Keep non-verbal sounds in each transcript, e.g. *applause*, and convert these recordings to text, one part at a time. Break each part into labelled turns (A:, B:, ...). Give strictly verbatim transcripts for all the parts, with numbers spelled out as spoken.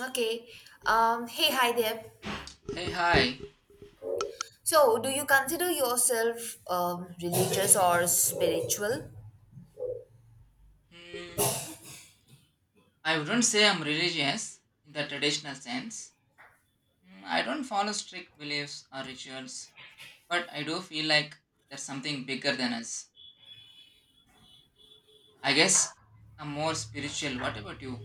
A: Okay. Um, hey, hi there.
B: Hey, hi.
A: So, do you consider yourself um, religious or spiritual?
B: Hmm, I wouldn't say I'm religious in the traditional sense. Hmm, I don't follow strict beliefs or rituals, but I do feel like there's something bigger than us. I guess I'm more spiritual. What about you?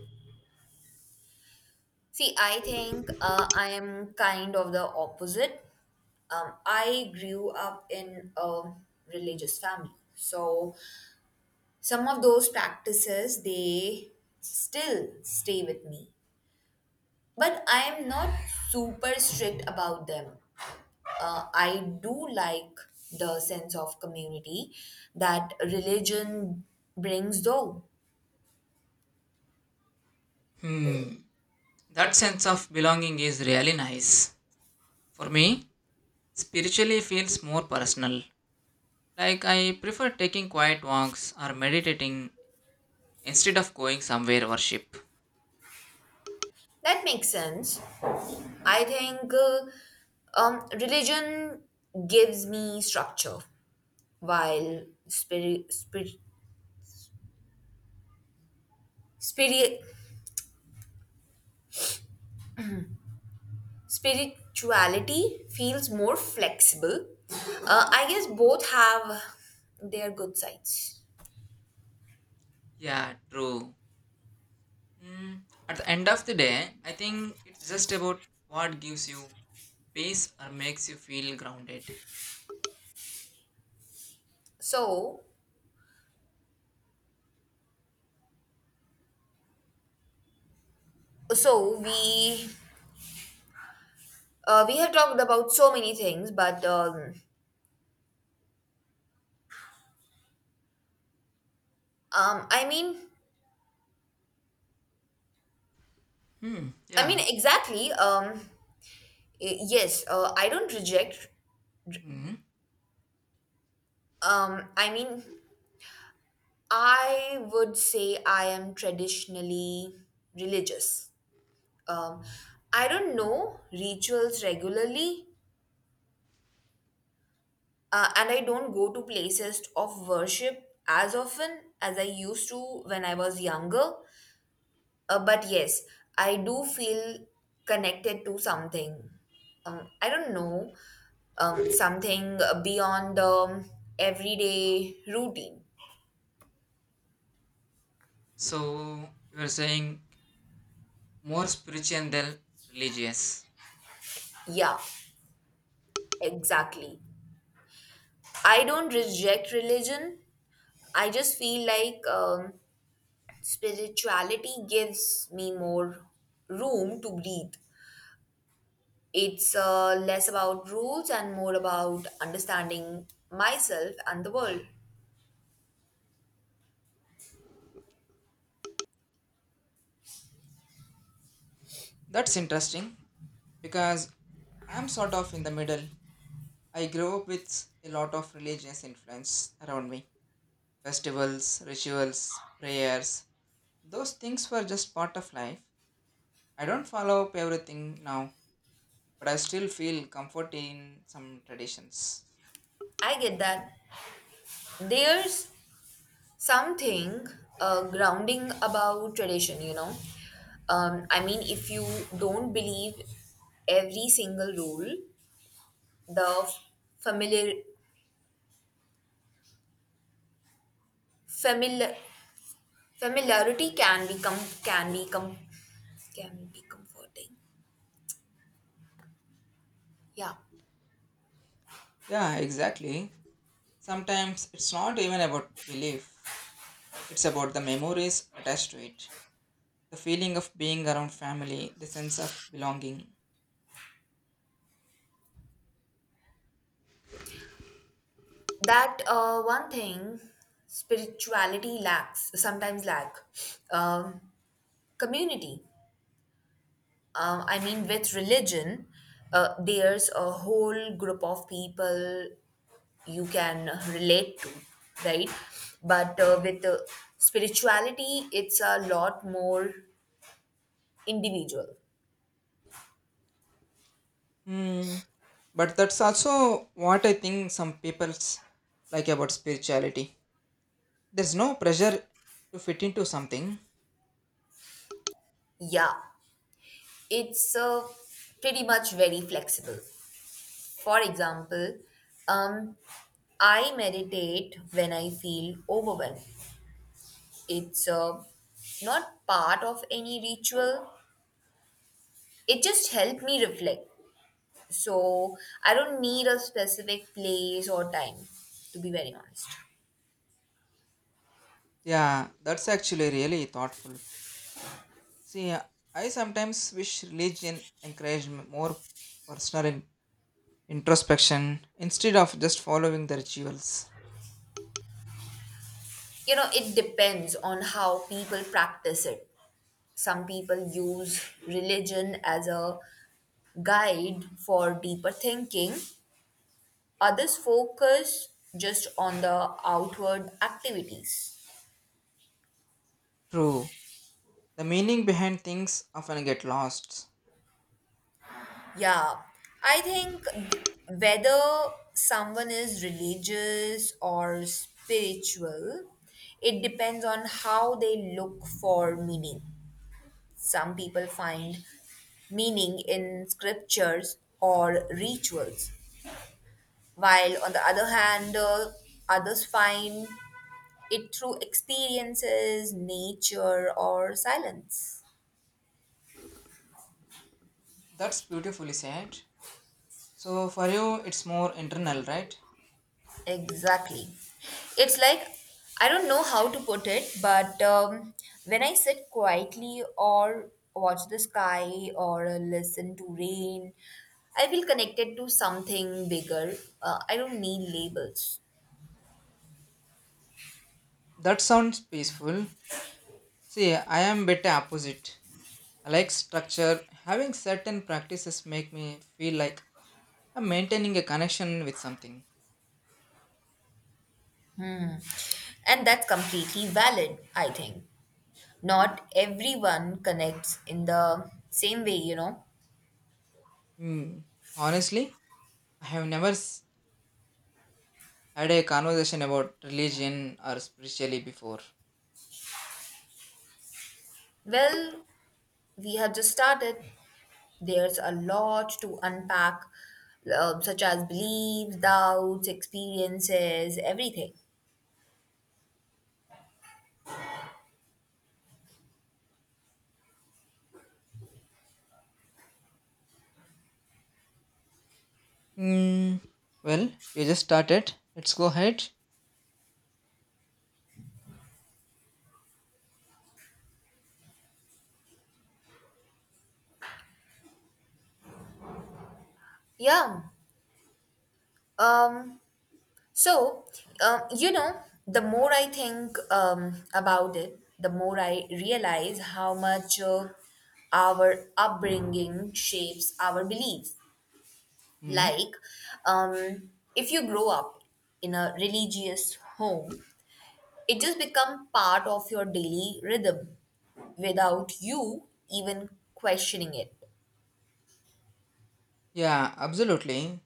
A: See, I think uh, I am kind of the opposite. Um, I grew up in a religious family. So, some of those practices, they still stay with me. But I am not super strict about them. uh, I do like the sense of community that religion brings, though.
B: Hmm, that sense of belonging is really nice. For me, spiritually feels more personal. Like I prefer taking quiet walks or meditating instead of going somewhere worship.
A: That makes sense. I think uh, um, Religion gives me structure, while spirit, spirit, spirit, spirituality feels more flexible. Uh, I guess both have their good sides.
B: Yeah, true. Mm, at the end of the day, I think it's just about what gives you peace or makes you feel grounded.
A: So, so we uh, we have talked about so many things, but um, Um, I mean,
B: Hmm.
A: I mean
B: Yeah.
A: exactly. Um, y- yes, uh, I don't reject.
B: Hmm.
A: Um, I mean, I would say I am traditionally religious. Um, I don't know rituals regularly, uh, and I don't go to places of worship as often as I used to when I was younger. Uh, but yes, I do feel connected to something. Um, I don't know, um, something beyond the um, everyday routine.
B: So you are saying more spiritual than religious.
A: Yeah, exactly. I don't reject religion. I just feel like um, spirituality gives me more room to breathe. It's uh, less about rules and more about understanding myself and the world.
B: That's interesting because I'm sort of in the middle. I grew up with a lot of religious influence around me. Festivals, rituals, prayers. Those things were just part of life. I don't follow up everything now, but I still feel comfort in some traditions.
A: I get that. There's something uh, grounding about tradition, you know, um, I mean, if you don't believe every single rule, the familiar familiar familiarity can become, can become can be comforting, yeah.
B: Yeah, exactly. Sometimes it's not even about belief, it's about the memories attached to it. The feeling of being around family, the sense of belonging.
A: That, uh, one thing spirituality lacks, sometimes lack um, community. um, I mean, with religion, uh, there's a whole group of people you can relate to, right? But uh, with uh, spirituality, it's a lot more individual.
B: Hmm. But that's also what I think some people like about spirituality. There's no pressure to fit into something.
A: Yeah, it's uh, pretty much very flexible. For example, um, I meditate when I feel overwhelmed. It's uh, not part of any ritual. It just helped me reflect. So I don't need a specific place or time, to be very honest.
B: Yeah, that's actually really thoughtful. See, I sometimes wish religion encouraged m- more personal introspection instead of just following the rituals.
A: You know, it depends on how people practice it. Some people use religion as a guide for deeper thinking, others focus just on the outward activities.
B: True. The meaning behind things often get lost.
A: Yeah, I think whether someone is religious or spiritual, it depends on how they look for meaning. Some people find meaning in scriptures or rituals, while on the other hand, uh, others find it through experiences, nature, or silence.
B: That's beautifully said. So for you it's more internal, right?
A: Exactly. It's like, I don't know how to put it, but um, when I sit quietly or watch the sky or uh, listen to rain, I feel connected to something bigger. Uh, I don't need labels.
B: That sounds peaceful. See, I am bit opposite. I like structure. Having certain practices make me feel like I'm maintaining a connection with something.
A: Hmm. And that's completely valid, I think. Not everyone connects in the same way, you know.
B: Hmm. Honestly, I have never s- had a conversation about religion or spirituality before.
A: Well, we have just started. There's a lot to unpack, um, such as beliefs, doubts, experiences, everything.
B: Mm, well, you just started. Let's go ahead.
A: Yeah. Um, so, um, you know, the more I think um, about it, the more I realize how much uh, our upbringing shapes our beliefs.
B: Mm.
A: Like, um, if you grow up in a religious home, it just become part of your daily rhythm without you even questioning it.
B: Yeah, absolutely.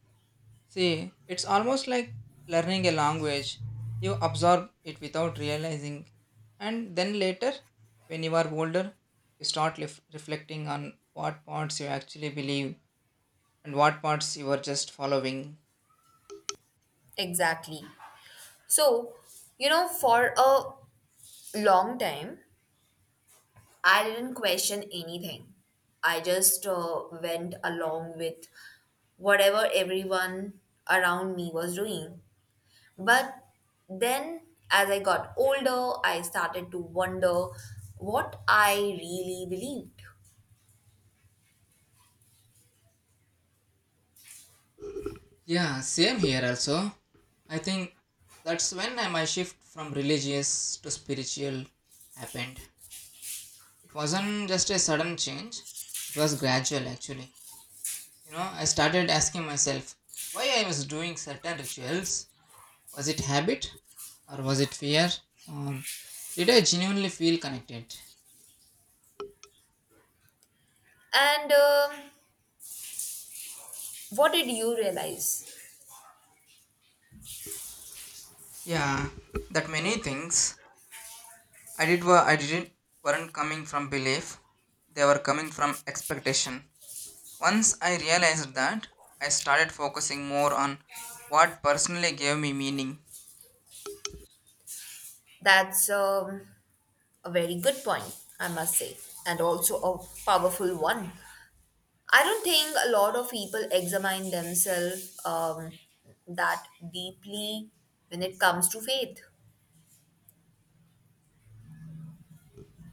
B: See, it's almost like learning a language. You absorb it without realizing. And then later, when you are older, you start lef- reflecting on what parts you actually believe and what parts you were just following.
A: Exactly. So, you know, for a long time I didn't question anything. I just uh, went along with whatever everyone around me was doing. But then, as I got older, I started to wonder what I really believed.
B: Yeah, same here also. I think that's when my shift from religious to spiritual happened. It wasn't just a sudden change, it was gradual actually. You know, I started asking myself why I was doing certain rituals. Was it habit, or was it fear, or did I genuinely feel connected?
A: And um, what did you realize?
B: Yeah, that many things I did were I didn't weren't coming from belief; they were coming from expectation. Once I realized that, I started focusing more on what personally gave me meaning.
A: That's um, a very good point, I must say, and also a powerful one. I don't think a lot of people examine themselves um, that deeply when it comes to faith.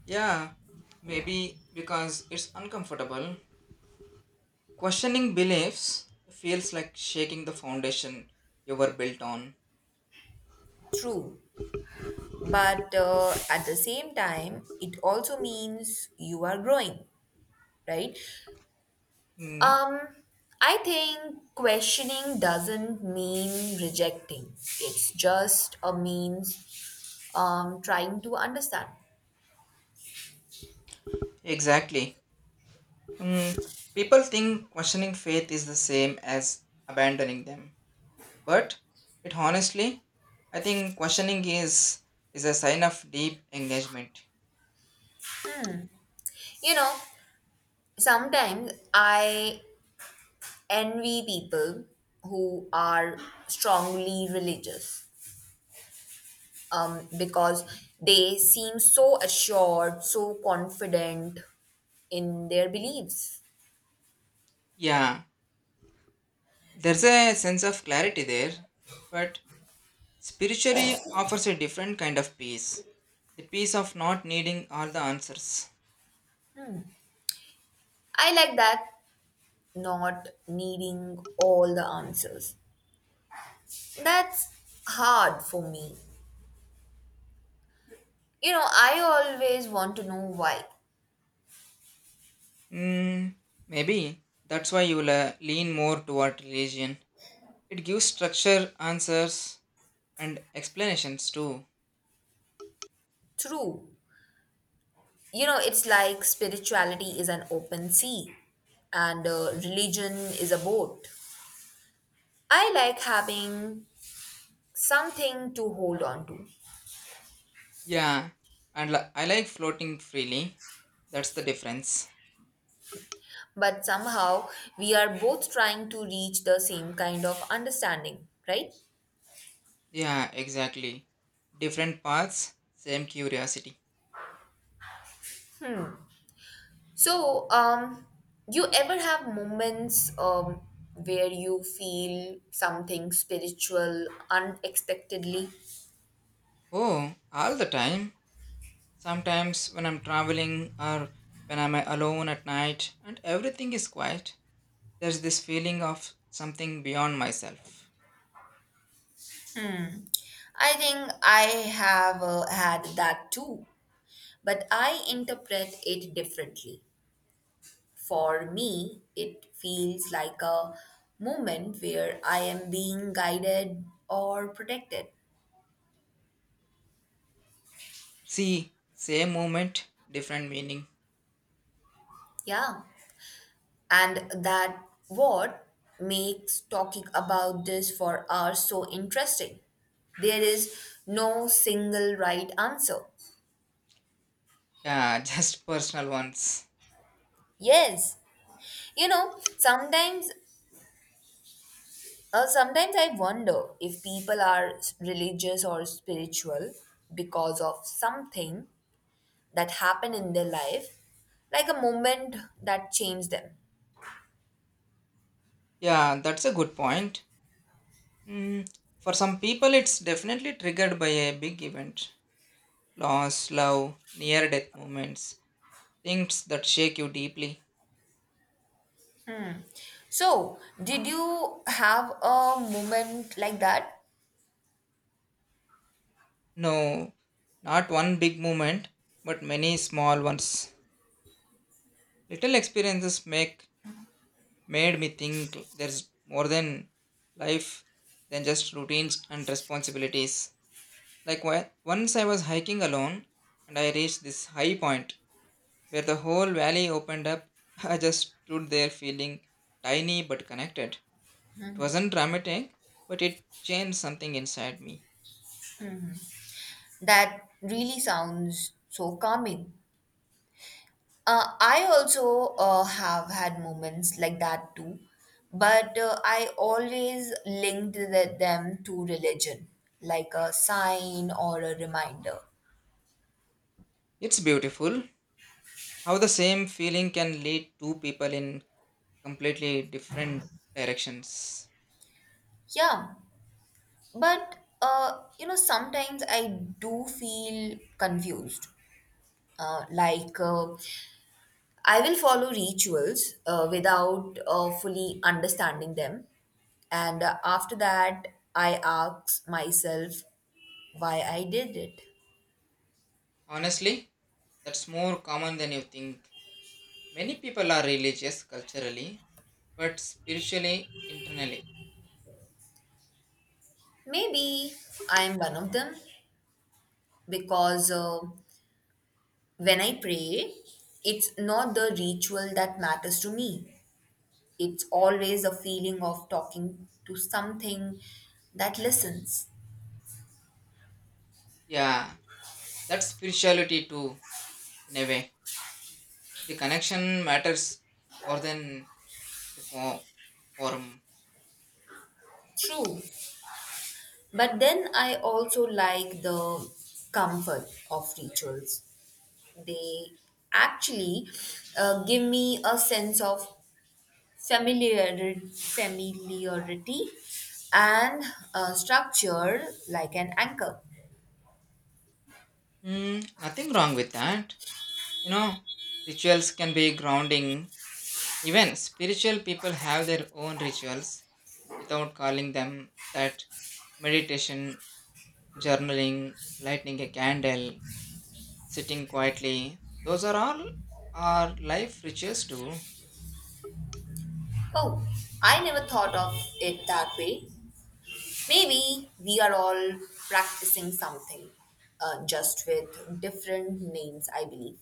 B: Yeah, maybe because it's uncomfortable. Questioning beliefs feels like shaking the foundation you were built on.
A: True. But uh, at the same time, it also means you are growing, right?
B: Hmm.
A: Um, I think questioning doesn't mean rejecting. It's just a means um trying to understand.
B: Exactly. Hmm. People think questioning faith is the same as abandoning them. But it honestly, I think questioning is is a sign of deep engagement.
A: You know, sometimes I envy people who are strongly religious um because they seem so assured, so confident in their beliefs.
B: Yeah, there's a sense of clarity there, but spiritually offers a different kind of peace, the peace of not needing all the answers.
A: I like that, not needing all the answers. That's hard for me. You know, I always want to know why.
B: Mm, maybe that's why you will uh, lean more toward religion. It gives structure, answers, and explanations too.
A: True. You know, it's like spirituality is an open sea and uh, religion is a boat. I like having something to hold on to.
B: Yeah, and li- I like floating freely. That's the difference.
A: But somehow we are both trying to reach the same kind of understanding, right?
B: Yeah, exactly. Different paths, same curiosity.
A: So, um, you ever have moments um, where you feel something spiritual unexpectedly?
B: Oh, all the time. Sometimes when I'm traveling or when I'm alone at night and everything is quiet, there's this feeling of something beyond myself.
A: I think I have uh, had that too, but I interpret it differently. For me, it feels like a moment where I am being guided or protected.
B: See, same moment, different meaning.
A: Yeah. And that, what makes talking about this for hours so interesting. There is no single right answer.
B: Yeah, *laughs* just personal ones.
A: Yes. You know, sometimes Uh, sometimes I wonder if people are s- religious or spiritual because of something that happened in their life, like a moment that changed them.
B: Yeah, that's a good point. Mm, for some people, it's definitely triggered by a big event, loss, love, near death moments, things that shake you deeply.
A: So, did you have a moment like that
B: No, not one big moment, but many small ones. Little experiences make made me think there's more than life than just routines and responsibilities. Like wh- once I was hiking alone and I reached this high point where the whole valley opened up. *laughs* I just stood there feeling tiny but connected. It wasn't dramatic, but it changed something inside me.
A: that really sounds so calming? Uh, I also uh, have had moments like that too, but uh, I always linked the- them to religion, like a sign or a reminder.
B: It's beautiful how the same feeling can lead two people in completely different directions.
A: Yeah, but uh, you know, sometimes I do feel confused. Uh, like, uh, I will follow rituals uh, without uh, fully understanding them. And uh, after that, I ask myself why I did it.
B: Honestly, that's more common than you think. Many people are religious culturally, but spiritually internally.
A: Maybe I'm one of them because uh, when I pray, it's not the ritual that matters to me. It's always a feeling of talking to something that listens.
B: Yeah, that's spirituality too, in a way. The connection matters more than the fo- form.
A: True. But then I also like the comfort of rituals. They actually uh, give me a sense of familiarity, familiarity and uh, structure, like an anchor.
B: Hmm, nothing wrong with that. You know, rituals can be grounding. Even spiritual people have their own rituals without calling them that, meditation, journaling, lighting a candle, sitting quietly. Those are all our life riches too.
A: Oh, I never thought of it that way. Maybe we are all practicing something, uh, just with different names, I believe.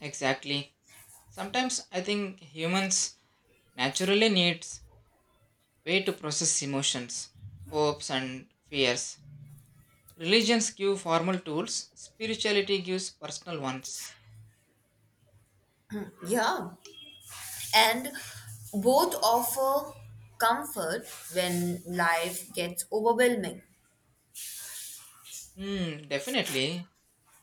B: Exactly. Sometimes I think humans naturally needs way to process emotions, hopes and fears. Religions give formal tools, spirituality gives personal ones.
A: Yeah, and both offer comfort when life gets overwhelming.
B: Hmm, definitely.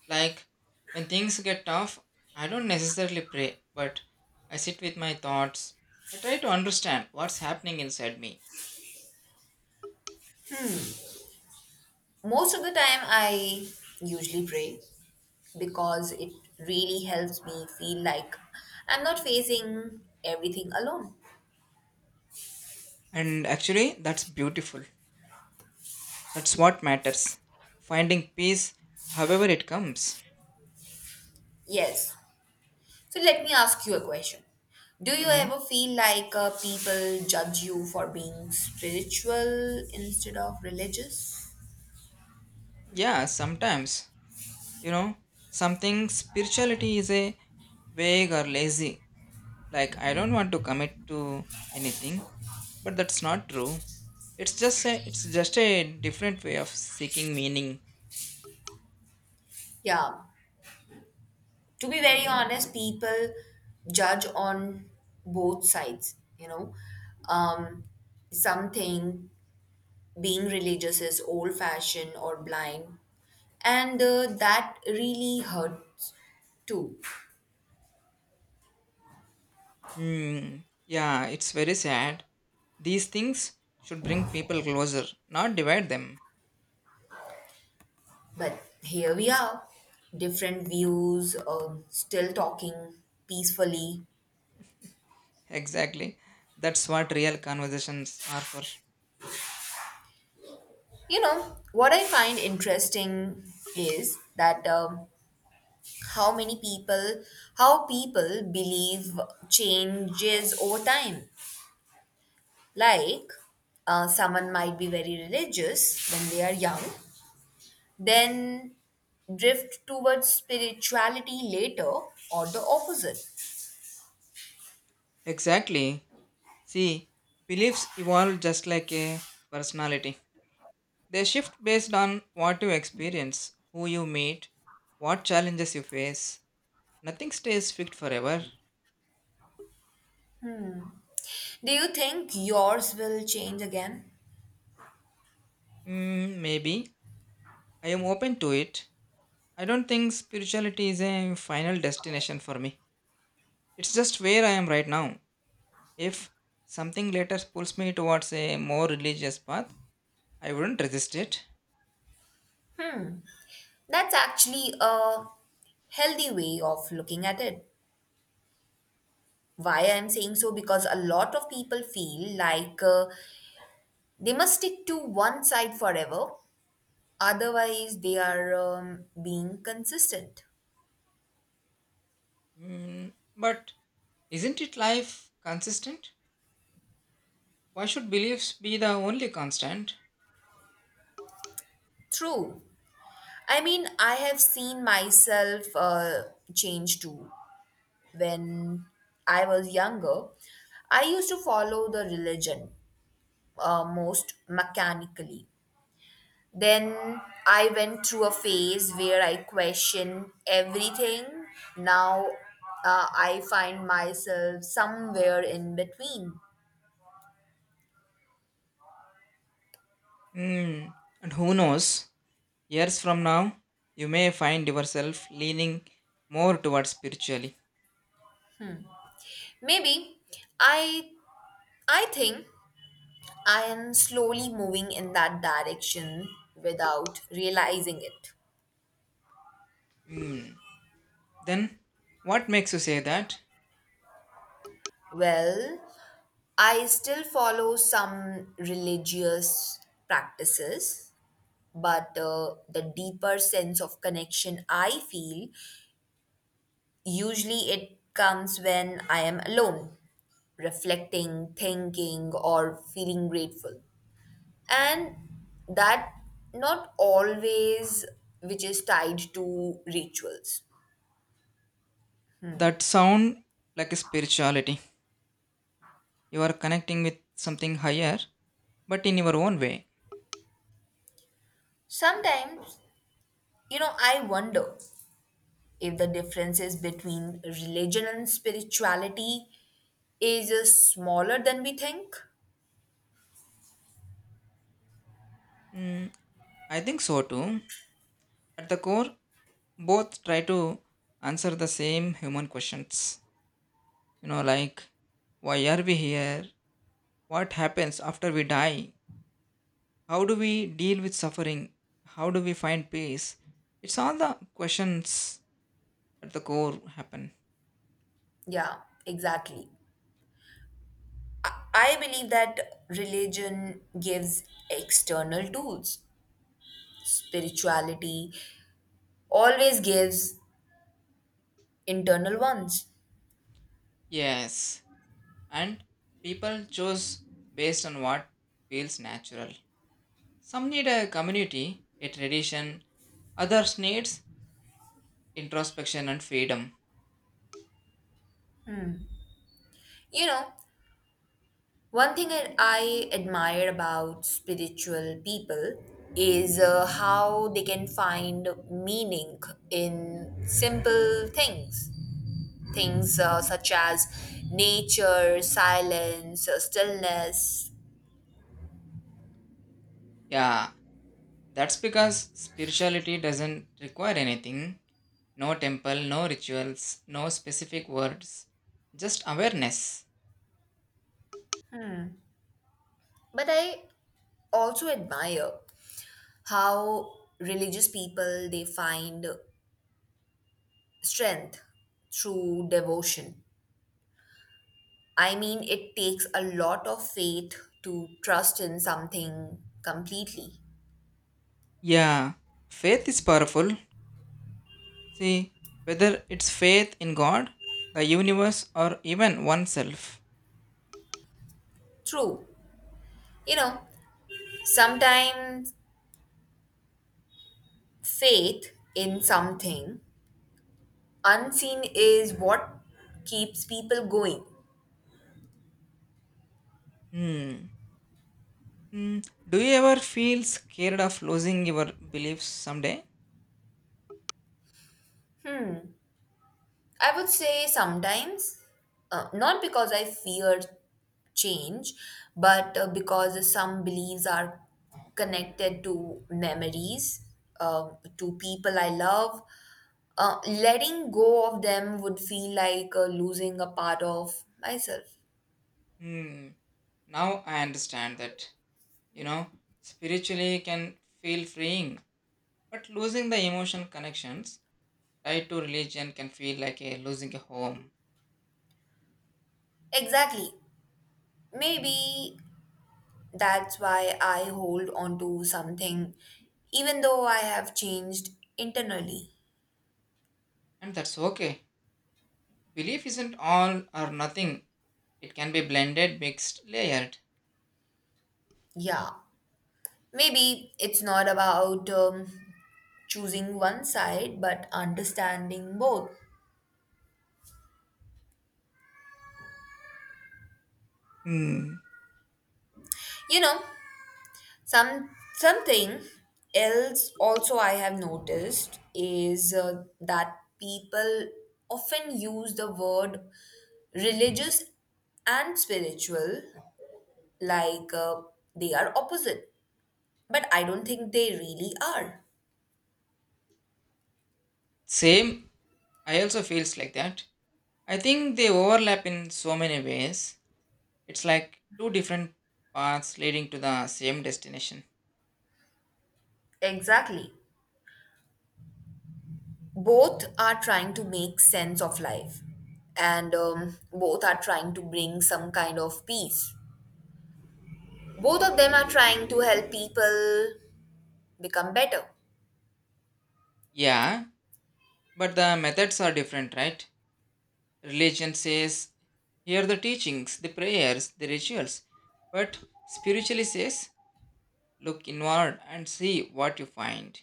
B: Like when things get tough, I don't necessarily pray, but I sit with my thoughts. I try to understand what's happening inside me.
A: Most of the time, I usually pray because it really helps me feel like I'm not facing everything alone.
B: And actually, that's beautiful. That's what matters. Finding peace, however it comes.
A: Yes. So let me ask you a question. Do you
B: Hmm?
A: ever feel like uh, people judge you for being spiritual instead of religious?
B: Yeah, sometimes. You know, something spirituality is a vague or lazy. Like I don't want to commit to anything, but that's not true. It's just a, it's just a different way of seeking meaning.
A: Yeah. To be very honest, people judge on both sides, you know. Um, some think being religious is old fashioned or blind, and uh, that really hurts too.
B: Hmm. Yeah, it's very sad. These things should bring people closer, not divide them.
A: But here we are, different views, um, still talking peacefully.
B: Exactly. That's what real conversations are for.
A: You know, what I find interesting is that, um, how many people, how people believe changes over time. Like, uh, someone might be very religious when they are young, then drift towards spirituality later, or the opposite.
B: Exactly. See, beliefs evolve just like a personality. They shift based on what you experience, who you meet, what challenges you face. Nothing stays fixed forever.
A: Do you think yours will change again?
B: Mm, maybe. I am open to it. I don't think spirituality is a final destination for me. It's just where I am right now. If something later pulls me towards a more religious path, I wouldn't resist it.
A: That's actually a healthy way of looking at it. Why I'm saying so because a lot of people feel like uh, they must stick to one side forever, otherwise, they are um, being consistent.
B: Mm, but isn't it life consistent? Why should beliefs be the only constant?
A: True. I mean, I have seen myself uh, change too. When I was younger, I used to follow the religion uh, most mechanically. Then I went through a phase where I questioned everything. Now uh, I find myself somewhere in between.
B: Hmm. And who knows, years from now, you may find yourself leaning more towards spiritually.
A: Maybe I I think I am slowly moving in that direction without realizing it.
B: Hmm. Then, what makes you say that?
A: Well, I still follow some religious practices, but uh, the deeper sense of connection I feel usually it comes when I am alone, reflecting, thinking, or feeling grateful. And that not always which is tied to rituals.
B: That sound like a spirituality. You are connecting with something higher, but in your own way.
A: Sometimes, you know, I wonder if the differences between religion and spirituality is uh, smaller than we think.
B: Hmm. I think so too. At the core, both try to answer the same human questions. You know, like why are we here? What happens after we die? How do we deal with suffering? How do we find peace? It's all the questions at the core happen.
A: Yeah, exactly. I believe that religion gives external tools, spirituality always gives internal ones.
B: Yes, and people choose based on what feels natural. Some need a community, a tradition, others needs introspection and freedom.
A: You know, one thing I I admire about spiritual people is uh, how they can find meaning in simple things. Things uh, such as nature, silence, uh, stillness.
B: Yeah, that's because spirituality doesn't require anything. No temple, no rituals, no specific words, just awareness.
A: But I also admire how religious people they find strength through devotion. I mean, it takes a lot of faith to trust in something completely.
B: Yeah, faith is powerful. See, whether it's faith in God, the universe, or even oneself.
A: True. You know, sometimes faith in something unseen is what keeps people going.
B: Hmm. Hmm. Do you ever feel scared of losing your beliefs someday?
A: Hmm. I would say sometimes, uh, not because I fear change, but uh, because some beliefs are connected to memories, um, to people I love. Uh, letting go of them would feel like uh, losing a part of myself.
B: Hmm. Now I understand that, you know, spiritually can feel freeing, but losing the emotional connections tied to religion can feel like a losing a home.
A: Exactly. Maybe that's why I hold on to something, even though I have changed internally.
B: And that's okay. Belief isn't all or nothing. It can be blended, mixed, layered.
A: Yeah. Maybe it's not about um, choosing one side, but understanding both.
B: Hmm.
A: You know, some something else also I have noticed is uh, that people often use the word religious and spiritual like uh, they are opposite, but I don't think they really are.
B: Same, I also feels like that. I think they overlap in so many ways. It's like two different paths leading to the same destination.
A: Exactly. Both are trying to make sense of life, and um, both are trying to bring some kind of peace, both of them are trying to help people become better.
B: Yeah, but the methods are different, right? Religion says, hear the teachings, the prayers, the rituals. But spiritually says, look inward and see what you find.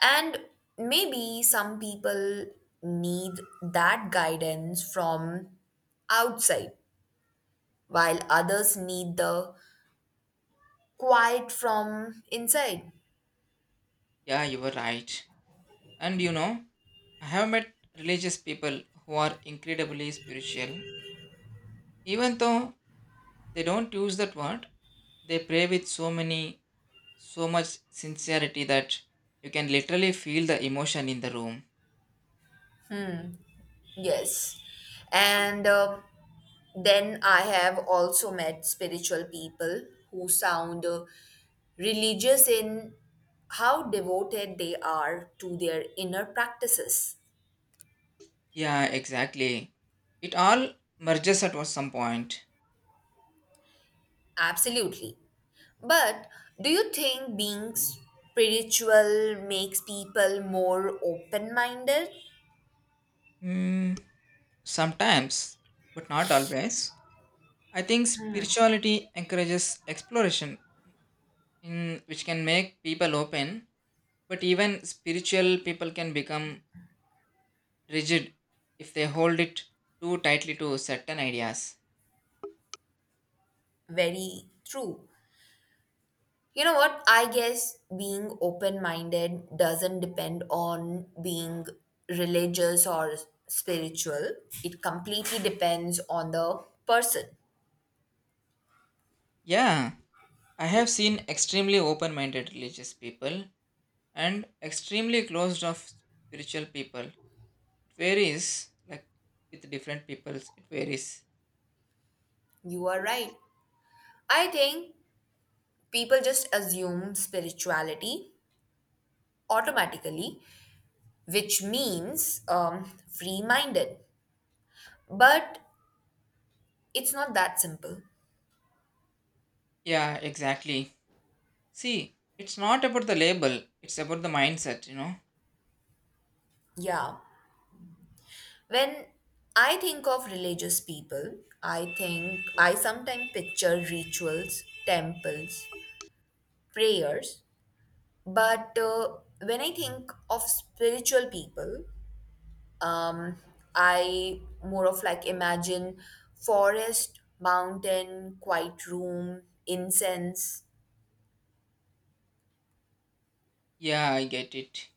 A: And maybe some people need that guidance from outside, while others need the quiet from inside.
B: Yeah, you were right. And you know, I have met religious people who are incredibly spiritual. Even though they don't use that word, they pray with so many so much sincerity that you can literally feel the emotion in the room.
A: Yes, and uh, then I have also met spiritual people who sound uh, religious in how devoted they are to their inner practices.
B: Yeah, exactly. It all merges at some point.
A: Absolutely. But do you think being spiritual makes people more open minded?
B: Hmm, sometimes, but not always. I think spirituality encourages exploration, in, which can make people open, but even spiritual people can become rigid if they hold it too tightly to certain ideas.
A: Very true. You know what? I guess being open minded doesn't depend on being religious or spiritual. It completely depends on the person.
B: Yeah, I have seen extremely open minded religious people and extremely closed off spiritual people. It varies, like with different peoples, it varies.
A: You are right. I think people just assume spirituality automatically, which means um, free minded. But it's not that simple.
B: Yeah, exactly. See, it's not about the label, it's about the mindset, you know?
A: Yeah. When I think of religious people, I think I sometimes picture rituals, temples, prayers. But uh, when I think of spiritual people, um, I more of like imagine forest, mountain, quiet room, incense,
B: Yeah, I get it.